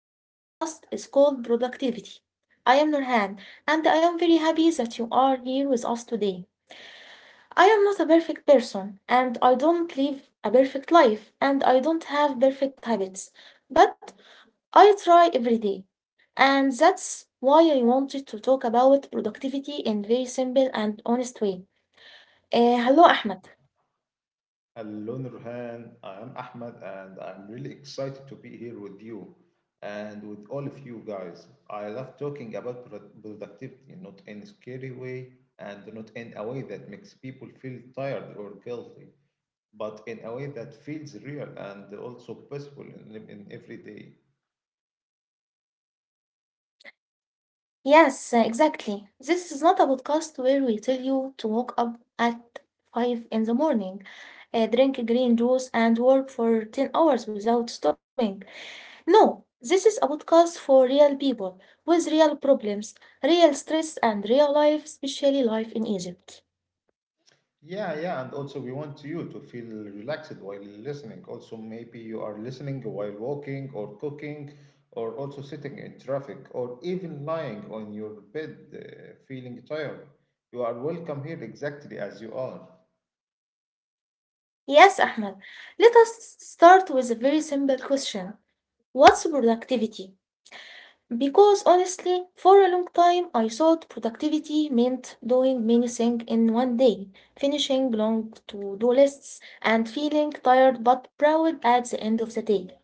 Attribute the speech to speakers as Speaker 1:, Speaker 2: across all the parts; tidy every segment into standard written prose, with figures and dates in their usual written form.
Speaker 1: This podcast is called Productivity. I am Nurhan, and I am very happy that you are here with us today. I am not a perfect person, and I don't live a perfect life, and I don't have perfect habits, but I try every day. And that's why I wanted to talk about productivity in very simple and honest way. Hello, Ahmed.
Speaker 2: Hello, Nurhan. I am Ahmed, and I'm really excited to be here with you and with all of you guys. I love talking about productivity, not in a scary way, and not in a way that makes people feel tired or guilty, but in a way that feels real and also possible in every day.
Speaker 1: Yes, exactly. This is not a podcast where we tell you to wake up at 5 in the morning, drink green juice, and work for 10 hours without stopping. No, this is a podcast for real people with real problems, real stress, and real life, especially life in Egypt.
Speaker 2: Yeah, yeah, and also we want you to feel relaxed while listening. Also, maybe you are listening while walking or cooking, or also sitting in traffic, or even lying on your bed, feeling tired. You are welcome here exactly as you are.
Speaker 1: Yes, Ahmed, let us start with a very simple question. What's productivity? Because honestly, for a long time, I thought productivity meant doing many things in one day, finishing long to do lists, and feeling tired but proud at the end of the day.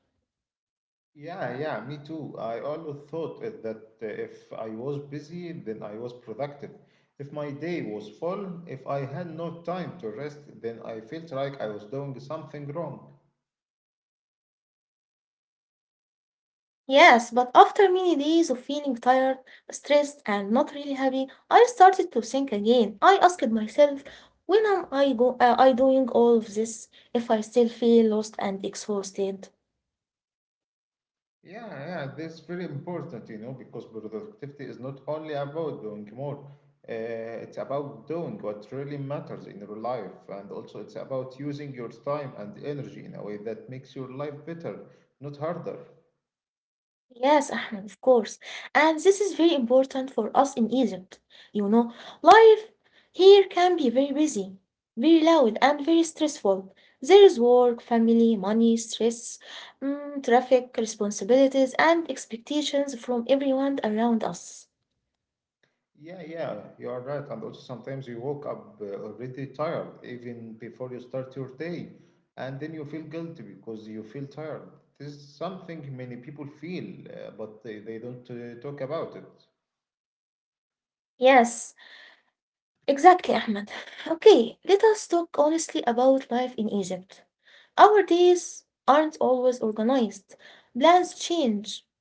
Speaker 2: Yeah, yeah, me too. I always thought that if I was busy, then I was productive. If my day was full, if I had no time to rest, then I felt like I was doing something wrong.
Speaker 1: Yes, but after many days of feeling tired, stressed, and not really happy, I started to think again. I asked myself, when am I, go- I doing all of this if I still feel lost and exhausted?
Speaker 2: Yeah, yeah, that's very important, because productivity is not only about doing more, it's about doing what really matters in your life. And also, it's about using your time and energy in a way that makes your life better, not harder.
Speaker 1: Yes, Ahmed, of course. And this is very important for us in Egypt. You know, life here can be very busy, very loud, and very stressful. There is work, family, money, stress, traffic, responsibilities, and expectations from everyone around us.
Speaker 2: Yeah, yeah, you are right. And also, sometimes you woke up already tired, even before you start your day. And then you feel guilty because you feel tired. This is something many people feel, but they don't talk about it.
Speaker 1: Yes, exactly, Ahmed. Okay, let us talk honestly about life in Egypt. Our days aren't always organized, plans change,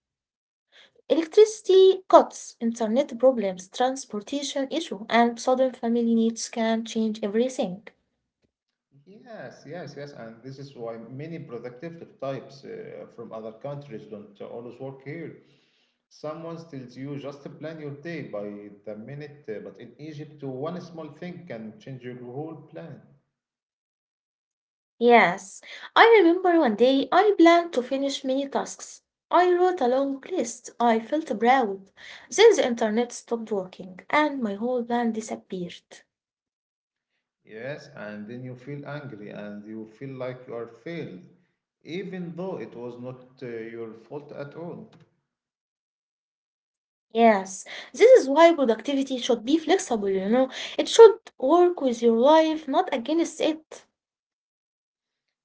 Speaker 1: electricity cuts, internet problems, transportation issue, and sudden family needs can change everything.
Speaker 2: Mm-hmm. Yes, yes, yes, and this is why many productive types from other countries don't always work here. Someone tells you just plan your day by the minute, but in Egypt, one small thing can change your whole plan.
Speaker 1: Yes, I remember one day I planned to finish many tasks. I wrote a long list. I felt proud. Then the internet stopped working and my whole plan disappeared.
Speaker 2: Yes, and then you feel angry and you feel like you are failed, even though it was not your fault at all.
Speaker 1: Yes, this is why productivity should be flexible, you know. It should work with your life, not against it.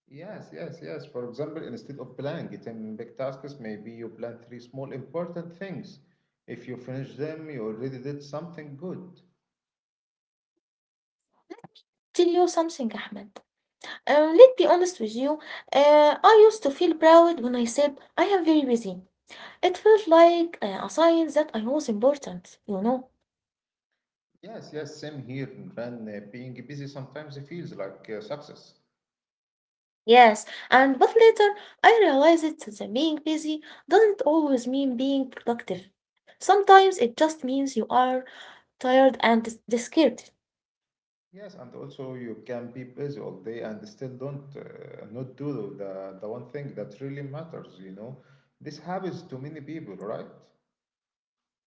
Speaker 2: Yes, yes, yes. For example, instead of planning it in big tasks, maybe you plan three small important things. If you finish them, you already did something good.
Speaker 1: Tell you something, Ahmed. Let's be honest with you. I used to feel proud when I said I am very busy. It felt like a sign that I was important, you know.
Speaker 2: Yes, yes, same here, Imran. Being busy sometimes it feels like success.
Speaker 1: Yes, and but later I realized that being busy doesn't always mean being productive. Sometimes it just means you are tired and discouraged.
Speaker 2: Yes, and also you can be busy all day and still don't not do the one thing that really matters. This happens to many people, right?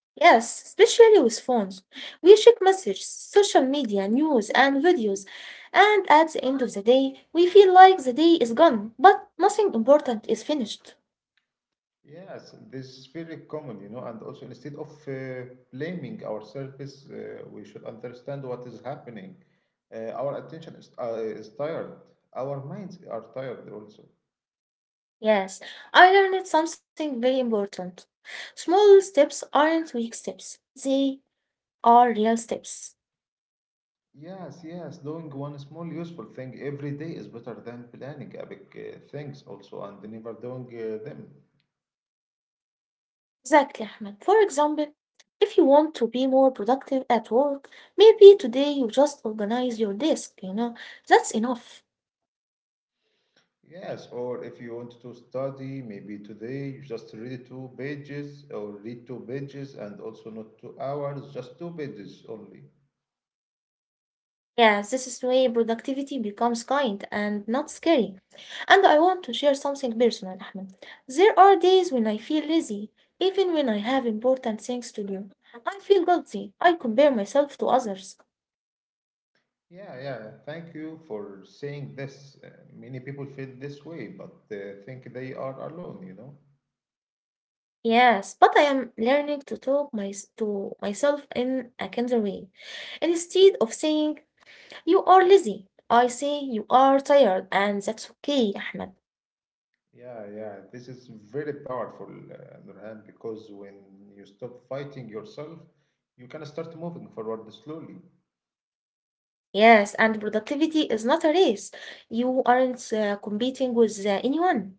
Speaker 1: Yes, especially with phones. We check messages, social media, news, and videos, and at the end of the day, we feel like the day is gone, but nothing important is finished.
Speaker 2: Yes, this is very common, and also instead of blaming ourselves, we should understand what is happening. Our attention is tired. Our minds are tired also.
Speaker 1: Yes, I learned something very important. Small steps aren't weak steps, they are real steps.
Speaker 2: Yes, yes, doing one small useful thing every day is better than planning a big things also and never doing them.
Speaker 1: Exactly, Ahmed. For example, if you want to be more productive at work, maybe today you just organize your desk, you know, that's enough.
Speaker 2: Yes, or if you want to study, maybe today you just read two pages or read two pages and also not 2 hours, just two pages only.
Speaker 1: Yeah, this is the way productivity becomes kind and not scary. And I want to share something personal, Ahmed. There are days when I feel lazy, even when I have important things to do. I feel guilty. I compare myself to others.
Speaker 2: Yeah, yeah. Thank you for saying this. Many people feel this way, but think they are alone, you know?
Speaker 1: Yes, but I am learning to to myself in a kinder way. Instead of saying, you are lazy, I say, you are tired, and that's okay, Ahmed.
Speaker 2: Yeah, yeah. This is very powerful, on the other hand, because when you stop fighting yourself, you can start moving forward slowly.
Speaker 1: Yes, and productivity is not a race. You aren't competing with anyone.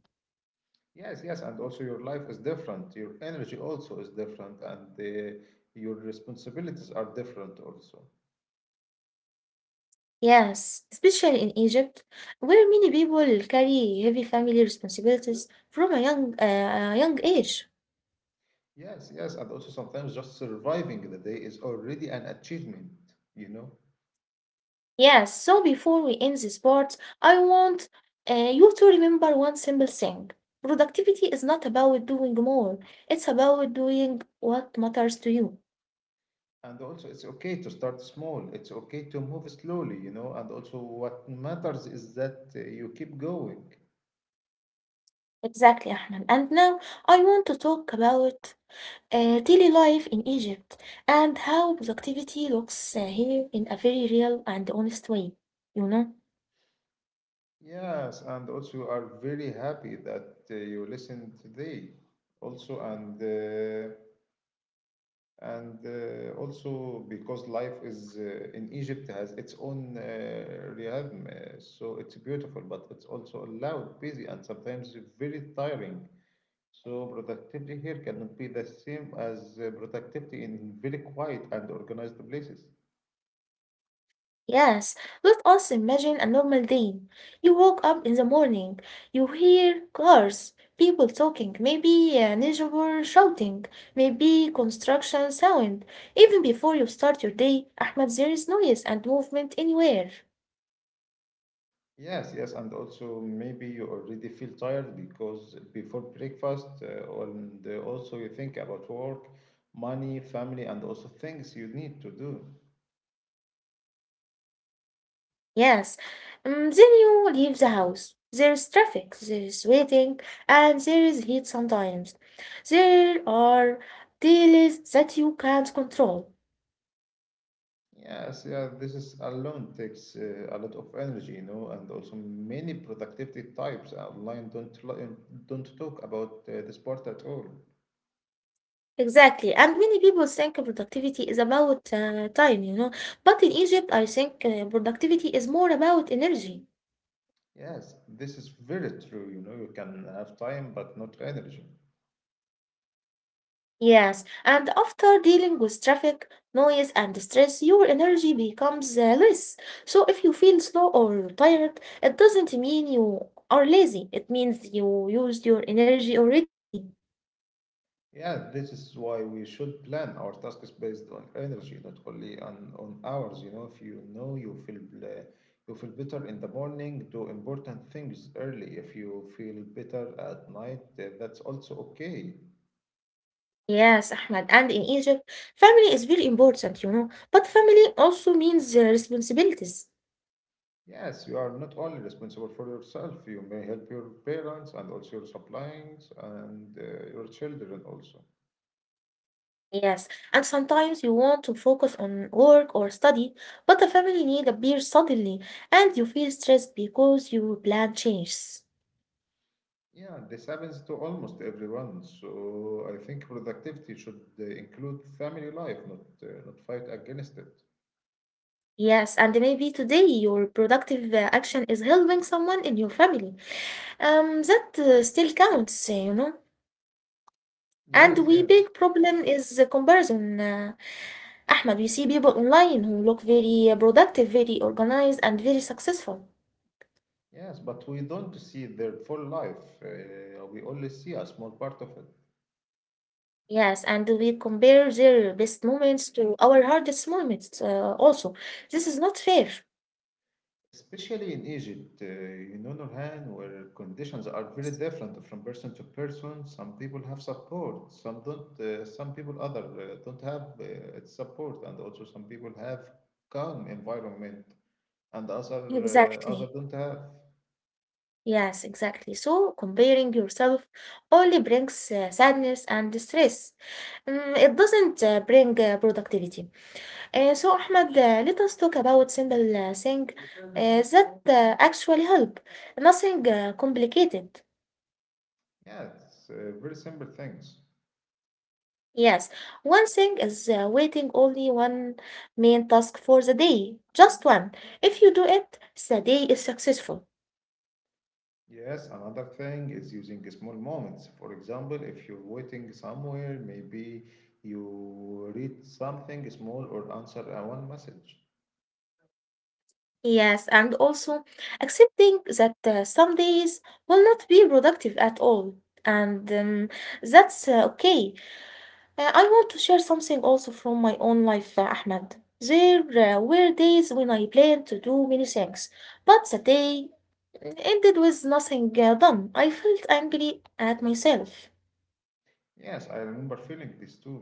Speaker 2: Yes, yes. And also, your life is different. Your energy also is different, and your responsibilities are different also.
Speaker 1: Yes, especially in Egypt, where many people carry heavy family responsibilities from a young age.
Speaker 2: Yes, yes. And also, sometimes just surviving the day is already an achievement, you know?
Speaker 1: Yes, so before we end this part, I want you to remember one simple thing. Productivity is not about doing more, it's about doing what matters to you.
Speaker 2: And also, it's okay to start small. It's okay to move slowly. And also, what matters is that you keep going.
Speaker 1: Exactly, Ahmed. And now I want to talk about daily life in Egypt and how productivity looks here in a very real and honest way. You know?
Speaker 2: Yes, and also, you are very happy that you listened today. Also, and also because life is in Egypt has its own rhythm, so it's beautiful, but it's also loud, busy, and sometimes very tiring. So productivity here cannot be the same as productivity in very quiet and organized places.
Speaker 1: Yes, let us imagine a normal day. You woke up in the morning, you hear cars, people talking, maybe a neighbor shouting, maybe construction sound. Even before you start your day, Ahmed, there is noise and movement anywhere.
Speaker 2: Yes, yes, and also maybe you already feel tired because before breakfast, and also you think about work, money, family, and also things you need to do.
Speaker 1: Yes. Then you leave the house. There is traffic, there is waiting, and there is heat sometimes. There are delays that you can't control.
Speaker 2: Yes, yeah, this is alone takes a lot of energy, and also many productivity types online don't talk about this part at all.
Speaker 1: Exactly. And many people think productivity is about time, you know. But in Egypt, I think productivity is more about energy.
Speaker 2: Yes, this is very true. You know, you can have time but not energy.
Speaker 1: Yes, and after dealing with traffic, noise, and stress, your energy becomes less. So if you feel slow or tired, it doesn't mean you are lazy. It means you used your energy already.
Speaker 2: Yeah, this is why we should plan our tasks based on energy, not only on hours. You know, if you know you feel better in the morning, do important things early. If you feel better at night, that's also okay.
Speaker 1: Yes, Ahmed. And in Egypt, family is very important, you know. But family also means responsibilities.
Speaker 2: Yes, you are not only responsible for yourself. You may help your parents and also your siblings and your children also.
Speaker 1: Yes, and sometimes you want to focus on work or study, but the family need appears suddenly, and you feel stressed because your plan changes.
Speaker 2: Yeah, this happens to almost everyone. So I think productivity should include family life, not fight against it.
Speaker 1: Yes, and maybe today your productive action is helping someone in your family. That still counts, you know. And
Speaker 2: Yes,
Speaker 1: we big
Speaker 2: yes,
Speaker 1: problem is the comparison. Ahmed, we see people online who look very productive, very organized, and very successful.
Speaker 2: yes. But we don't see their full life. We only see a small part of it.
Speaker 1: Yes, and we compare their best moments to our hardest moments. Also, this is not fair.
Speaker 2: Especially in Egypt, Nurhan, where conditions are very
Speaker 1: Yes.
Speaker 2: different from person to person. Some people have support, some don't. Some people other don't have support, and also some people have calm environment. And other
Speaker 1: Exactly.
Speaker 2: don't have.
Speaker 1: Yes, exactly. So comparing yourself only brings sadness and stress. It doesn't bring productivity. So Ahmed, let us talk about simple thing that actually help. Nothing complicated.
Speaker 2: Yeah, it's very simple things.
Speaker 1: Yes, one thing is waiting only one main task for the day, just one. If you do it, the day is successful.
Speaker 2: Yes, another thing is using small moments. For example, if you're waiting somewhere, maybe you read something small or answer a one message.
Speaker 1: Yes, and also accepting that some days will not be productive at all. And that's okay. I want to share something also from my own life, Ahmed. There were days when I planned to do many things, but the day ended with nothing done. I felt angry at myself.
Speaker 2: Yes, I remember feeling this too.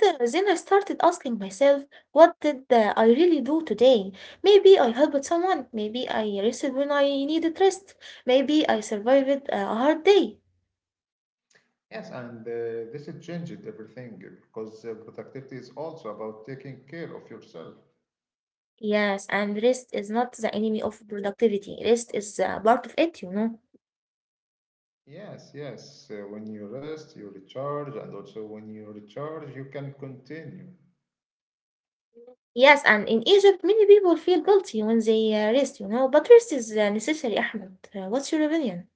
Speaker 1: Then I started asking myself, what did I really do today? Maybe I helped someone, maybe I rested when I needed rest, maybe I survived a hard day.
Speaker 2: Yes, and this has changed everything because productivity is also about taking care of yourself.
Speaker 1: Yes, and rest is not the enemy of productivity, rest is part of it, you know.
Speaker 2: Yes, yes. When you rest, you recharge, and also when you recharge, you can continue.
Speaker 1: Yes, and in Egypt, many people feel guilty when they rest, you know, but rest is necessary, Ahmed. What's your opinion?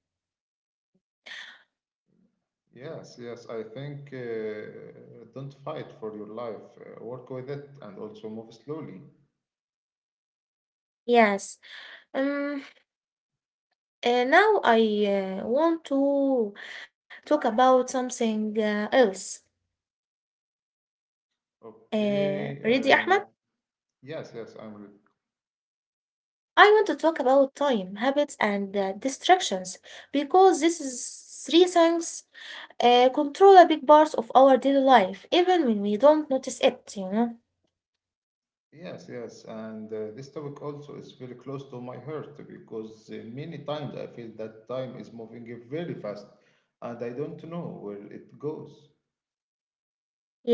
Speaker 2: Yes, yes. I think don't fight for your life. Work with it and also move slowly.
Speaker 1: Yes. Um. Now I want to talk about something else.
Speaker 2: Okay.
Speaker 1: Ready, Ahmed?
Speaker 2: Yes, yes.
Speaker 1: I want to talk about time, habits, and distractions because this is three things control a big part of our daily life, even when we don't notice it, you know?
Speaker 2: Yes, yes. And this topic also is very close to my heart because many times I feel that time is moving very fast, and I don't know where it goes.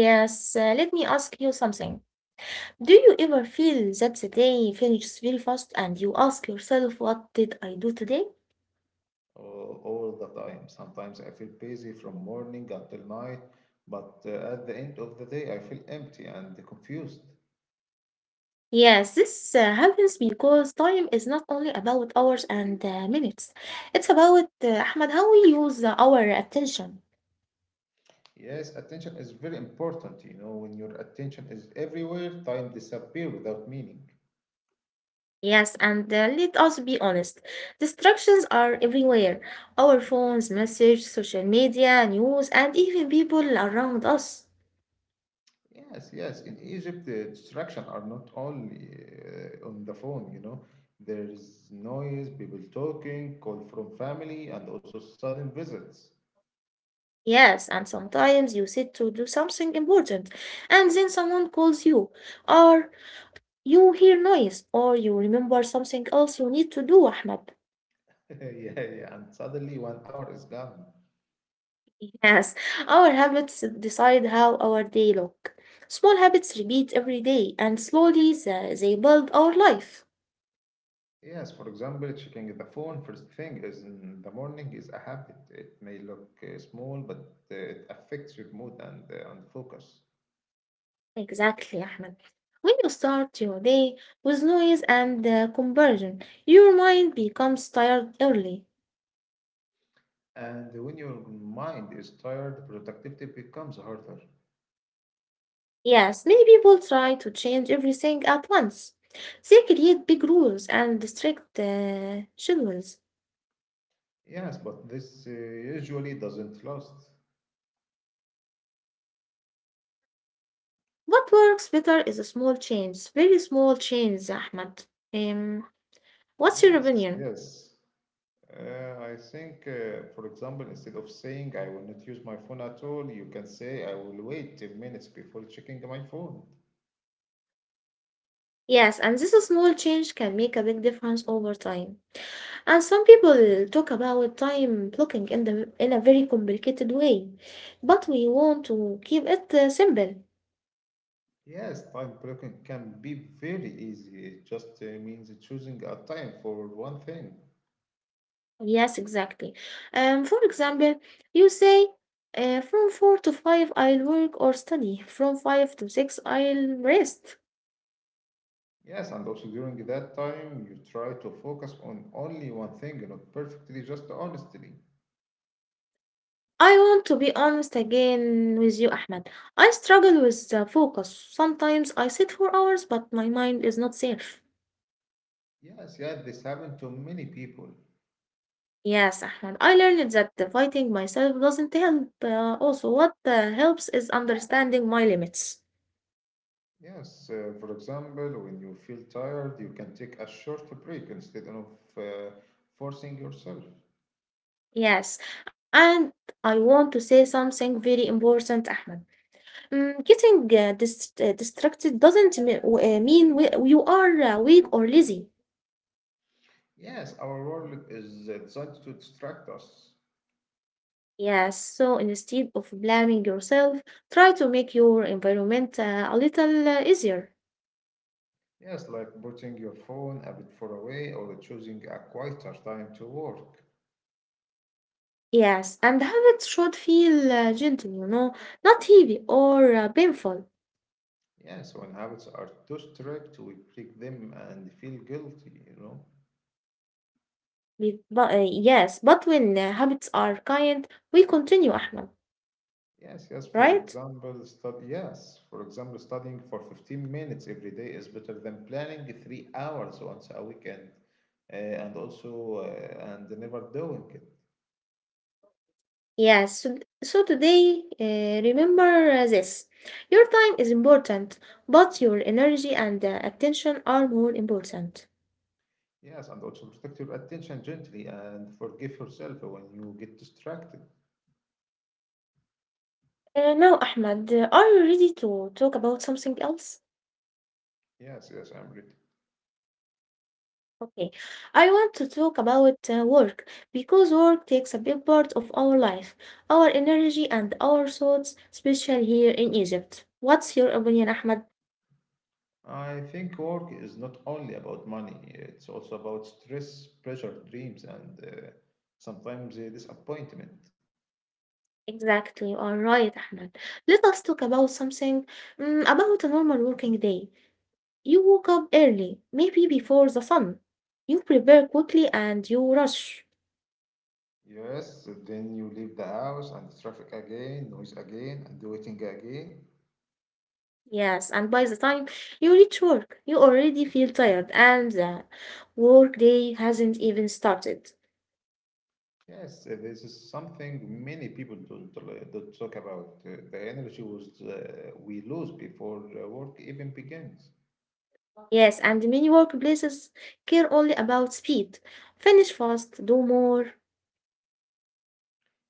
Speaker 1: Yes, let me ask you something. Do you ever feel that the day finishes very fast and you ask yourself, what did I do today?
Speaker 2: All the time. Sometimes I feel busy from morning until night, but at the end of the day, I feel empty and confused.
Speaker 1: Yes, this happens because time is not only about hours and minutes. It's about, Ahmed, how we use our attention.
Speaker 2: Yes, attention is very important. You know, when your attention is everywhere, time disappear without meaning.
Speaker 1: Yes, and let us be honest. Distractions are everywhere. Our phones, message, social media, news, and even people around us.
Speaker 2: Yes, yes. In Egypt, the distraction are not only on the phone. You know, there is noise, people talking, call from family, and also sudden visits.
Speaker 1: Yes, and sometimes you sit to do something important, and then someone calls you, or you hear noise, or you remember something else you need to do, Ahmed.
Speaker 2: yeah, yeah. And suddenly, one hour is gone.
Speaker 1: Yes, our habits decide how our day look. Small habits repeat every day, and slowly they build our life.
Speaker 2: Yes, for example, checking the phone first thing is in the morning is a habit. It may look small, but it affects your mood and and focus.
Speaker 1: Exactly, Ahmed. When you start your day with noise and conversion, your mind becomes tired early.
Speaker 2: And when your mind is tired, productivity becomes harder.
Speaker 1: Yes, many people try to change everything at once. They create big rules and strict schedules.
Speaker 2: Yes, but this usually doesn't last.
Speaker 1: What works better is a small change, very small change, Ahmed. Um, what's your
Speaker 2: Yes,
Speaker 1: opinion?
Speaker 2: yes. I think, for example, instead of saying I will not use my phone at all, you can say I will wait 10 minutes before checking my phone.
Speaker 1: Yes, and this small change can make a big difference over time. And some people talk about time blocking in the in a very complicated way, but we want to keep it simple.
Speaker 2: Yes, time blocking can be very easy. It just means choosing a time for one thing.
Speaker 1: Yes, exactly. For example, you say from 4 to 5 I'll work or study. From 5 to 6 I'll rest.
Speaker 2: Yes, and also during that time, you try to focus on only one thing, not perfectly, just honestly.
Speaker 1: I want to be honest again with you, Ahmed. I struggle with the focus. Sometimes I sit for hours, but my mind is not safe.
Speaker 2: Yes, yeah, this happened to many people.
Speaker 1: Yes, Ahmed. I learned that the fighting myself doesn't help. Also, what helps is understanding my limits.
Speaker 2: Yes, for example, when you feel tired, you can take a short break instead of uh, forcing yourself.
Speaker 1: Yes, and I want to say something very important, Ahmed. Getting distracted doesn't me- w- mean you are weak or lazy.
Speaker 2: Yes, our world is designed to distract us.
Speaker 1: Yes, so instead of blaming yourself, try to make your environment a little easier.
Speaker 2: Yes, like putting your phone a bit far away or choosing a quieter time to work.
Speaker 1: Yes, and habits should feel gentle, you know, not heavy or painful.
Speaker 2: Yes, when habits are too strict, we break them and feel guilty.
Speaker 1: Yes, but when habits are kind, we continue, Ahmed,
Speaker 2: Yes, yes. For
Speaker 1: right?
Speaker 2: example, stud- yes. For example, studying for 15 minutes every day is better than planning 3 hours once a weekend, and also and never doing it.
Speaker 1: Yes, so today, remember this. Your time is important, but your energy and attention are more important.
Speaker 2: Yes, and also protect your attention gently and forgive yourself when you get distracted.
Speaker 1: Now, Ahmed, are you ready to talk about something else?
Speaker 2: Yes, yes, I'm ready.
Speaker 1: Okay, I want to talk about work because work takes a big part of our life, our energy, and our thoughts, especially here in Egypt. What's your opinion, Ahmed?
Speaker 2: I think work is not only about money. It's also about stress, pressure, dreams, and sometimes disappointment.
Speaker 1: Exactly, you are right, Ahmed. Let us talk about something about a normal working day. You woke up early, maybe before the sun. You prepare quickly and you rush.
Speaker 2: Yes, so then you leave the house and the traffic again, noise again, and the waiting again.
Speaker 1: Yes, and by the time you reach work, you already feel tired and the work day hasn't even started.
Speaker 2: Yes, this is something many people don't talk about. The energy we lose before work even begins.
Speaker 1: Yes, and many workplaces care only about speed. Finish fast, do more.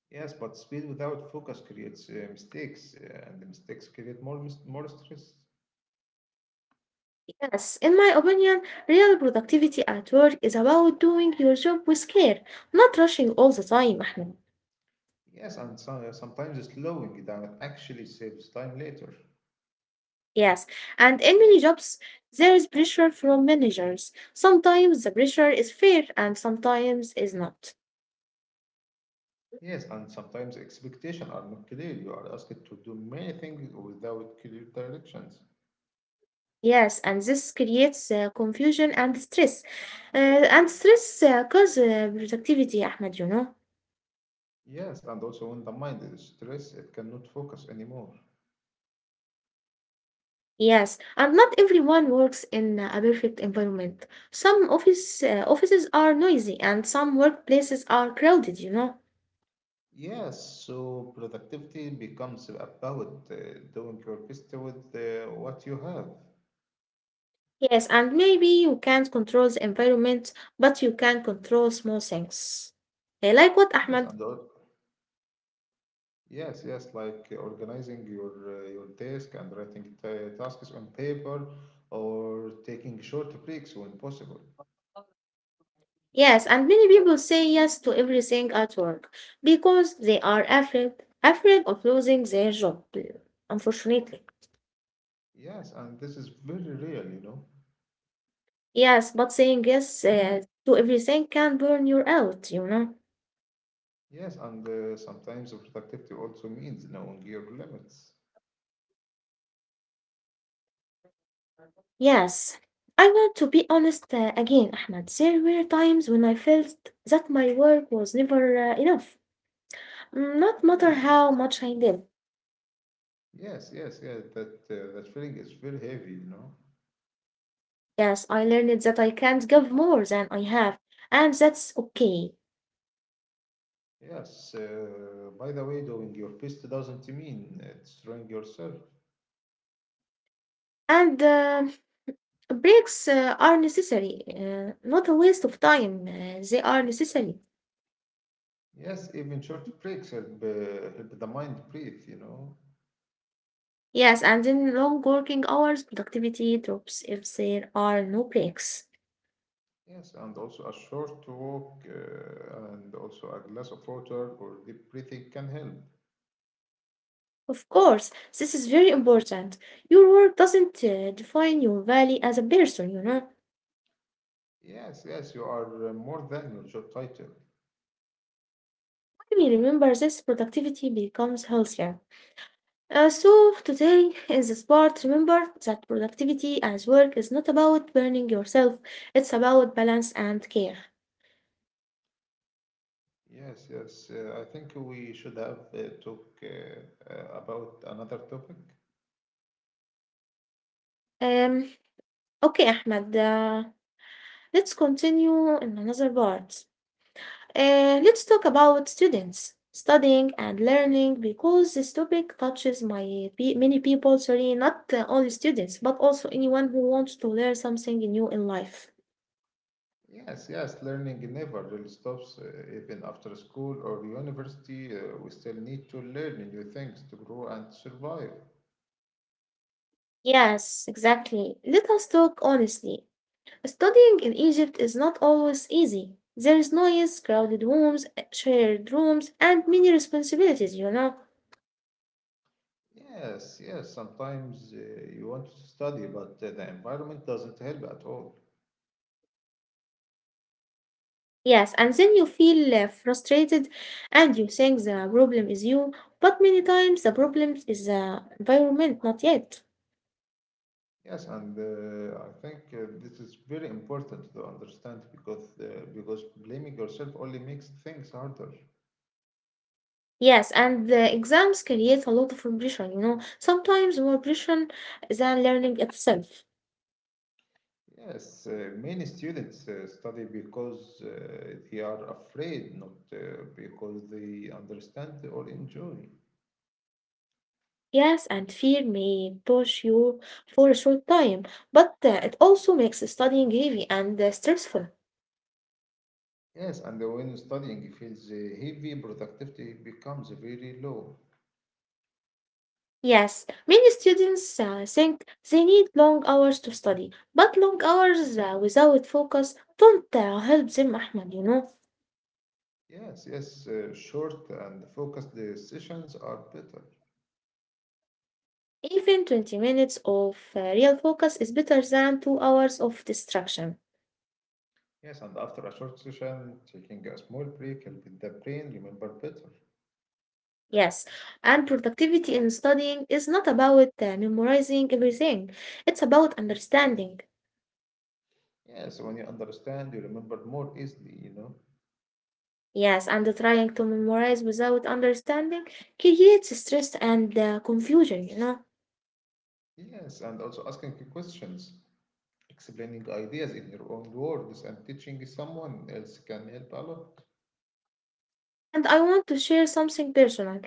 Speaker 2: Yes, but speed without focus creates mistakes, and the mistakes create more stress.
Speaker 1: Yes, in my opinion, real productivity at work is about doing your job with care, not rushing all the time, Ahmed.
Speaker 2: Yes, and so, sometimes slowing down actually saves time later.
Speaker 1: Yes, and in many jobs, there is pressure from managers. Sometimes the pressure is fair and sometimes is not.
Speaker 2: Yes, and sometimes expectations are not clear. You are asked to do many things without clear directions.
Speaker 1: Yes, and this creates confusion and stress. And stress causes productivity, Ahmed,
Speaker 2: Yes, and also when the mind is stressed, it cannot focus anymore.
Speaker 1: Yes, and not everyone works in a perfect environment. Some offices are noisy and some workplaces are crowded,
Speaker 2: Yes, so productivity becomes about doing your best with what you have.
Speaker 1: Yes, and maybe you can't control the environment, but you can control small things. Like what,
Speaker 2: Yes,
Speaker 1: Ahmed?
Speaker 2: yes, yes, like organizing your desk and writing tasks on paper, or taking short breaks when possible.
Speaker 1: Yes, and many people say yes to everything at work because they are afraid, afraid of losing their job, unfortunately.
Speaker 2: Yes, and this is very real.
Speaker 1: Yes, but saying yes to everything can burn you out.
Speaker 2: Yes, and sometimes productivity also means knowing your limits.
Speaker 1: Yes, I want to be honest again, Ahmed. There were times when I felt that my work was never enough, not matter
Speaker 2: Yes,
Speaker 1: how much I did.
Speaker 2: yes, yes, yeah. That feeling is very heavy.
Speaker 1: Yes, I learned that I can't give more than I have, and that's okay.
Speaker 2: Yes. By the way, doing your best doesn't mean destroying yourself.
Speaker 1: And Breaks are necessary, not a waste of time. They are necessary.
Speaker 2: Yes, even short breaks help the mind breathe.
Speaker 1: Yes, and in long working hours, productivity drops if there are no breaks.
Speaker 2: Yes, and also a short walk and also a glass of water or deep breathing can help.
Speaker 1: Of course, this is very important. Your work doesn't define your value as a person.
Speaker 2: Yes, yes, you are more than your job title.
Speaker 1: When we remember this, productivity becomes healthier. So today in this part, remember that productivity as work is not about burning yourself, it's about balance and care.
Speaker 2: Yes, yes. I think we should have talk about another topic.
Speaker 1: Um, okay, Ahmed, let's continue in another part. Let's talk about students studying and learning because this topic touches many people, sorry, not only students, but also anyone who wants to learn something new in life.
Speaker 2: Yes, yes, learning never really stops. Even after school or university, we still need to learn new things to grow and survive.
Speaker 1: Yes, exactly, let us talk honestly. Studying in Egypt is not always easy. There is noise, crowded rooms, shared rooms, and many responsibilities,
Speaker 2: Yes, yes, sometimes you want to study, but the environment doesn't help at all.
Speaker 1: Yes, and then you feel frustrated and you think the problem is you, but many times the problem is the environment, not yet.
Speaker 2: Yes, and I think this is very important to understand because blaming yourself only makes things harder.
Speaker 1: Yes, and the exams create a lot of pressure, you know, sometimes more pressure than learning itself.
Speaker 2: Yes, many students study because they are afraid, not because they understand or enjoy.
Speaker 1: Yes, and fear may push you for a short time, but it also makes studying heavy and stressful.
Speaker 2: Yes, and when studying feels heavy, productivity becomes very low.
Speaker 1: Yes, many students think they need long hours to study, but long hours without focus don't help them, Ahmad,
Speaker 2: Yes, yes, short and focused sessions are better.
Speaker 1: Even 20 minutes of real focus is better than 2 hours of distraction.
Speaker 2: Yes, and after a short session, taking a small break helps the brain remember better.
Speaker 1: Yes, and productivity in studying is not about memorizing everything, it's about understanding.
Speaker 2: Yes, when you understand, you remember more easily.
Speaker 1: Yes, and trying to memorize without understanding creates stress and confusion,
Speaker 2: Yes, and also asking questions. Explaining ideas in your own words and teaching someone else can help a lot.
Speaker 1: And I want to share something personal.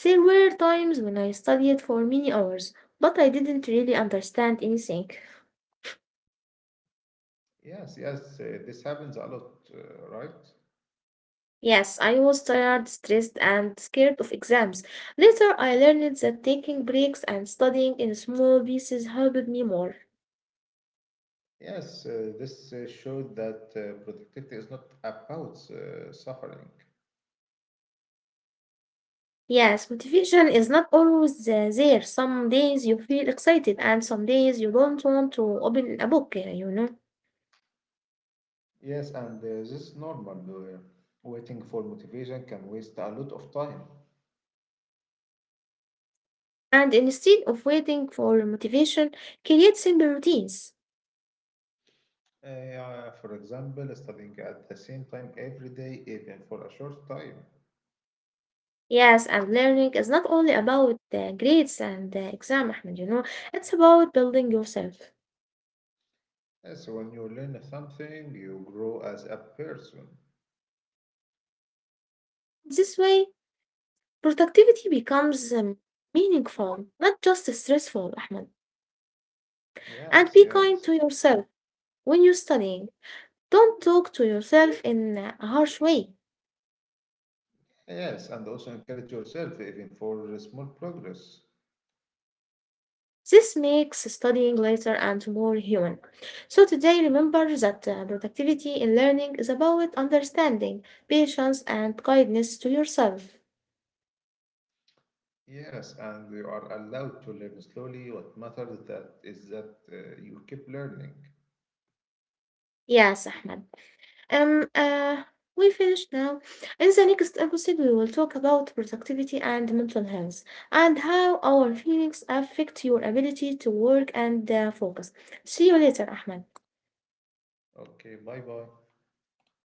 Speaker 1: There were times when I studied for many hours, but I didn't really understand anything.
Speaker 2: Yes, yes, this happens a lot, right?
Speaker 1: Yes, I was tired, stressed, and scared of exams. Later, I learned that taking breaks and studying in small pieces helped me more.
Speaker 2: Yes, this showed that productivity is not about suffering.
Speaker 1: Yes, motivation is not always there. Some days you feel excited, and some days you don't want to open a book,
Speaker 2: Yes, and this is normal. Uh, waiting for motivation can waste a lot of time.
Speaker 1: And instead of waiting for motivation, create simple routines.
Speaker 2: For example, studying at the same time every day, even for a short time.
Speaker 1: Yes, and learning is not only about the grades and the exam, Ahmed, it's about building yourself.
Speaker 2: Yes, when you learn something, you grow as a person.
Speaker 1: This way, productivity becomes meaningful, not just stressful, Ahmed. And
Speaker 2: Yes,
Speaker 1: be kind
Speaker 2: yes.
Speaker 1: to yourself when you're studying. Don't talk to yourself in a harsh way.
Speaker 2: Yes, and also encourage yourself even for small progress.
Speaker 1: This makes studying later and more human. So today, remember that productivity in learning is about understanding, patience, and kindness to yourself.
Speaker 2: Yes, and you are allowed to learn slowly. What matters that is that you keep learning.
Speaker 1: Yes, Ahmed. Um, uh, we finished now. In the next episode, we will talk about productivity and mental health and how our feelings affect your ability to work and focus. See you later, Ahmed.
Speaker 2: Okay, bye bye.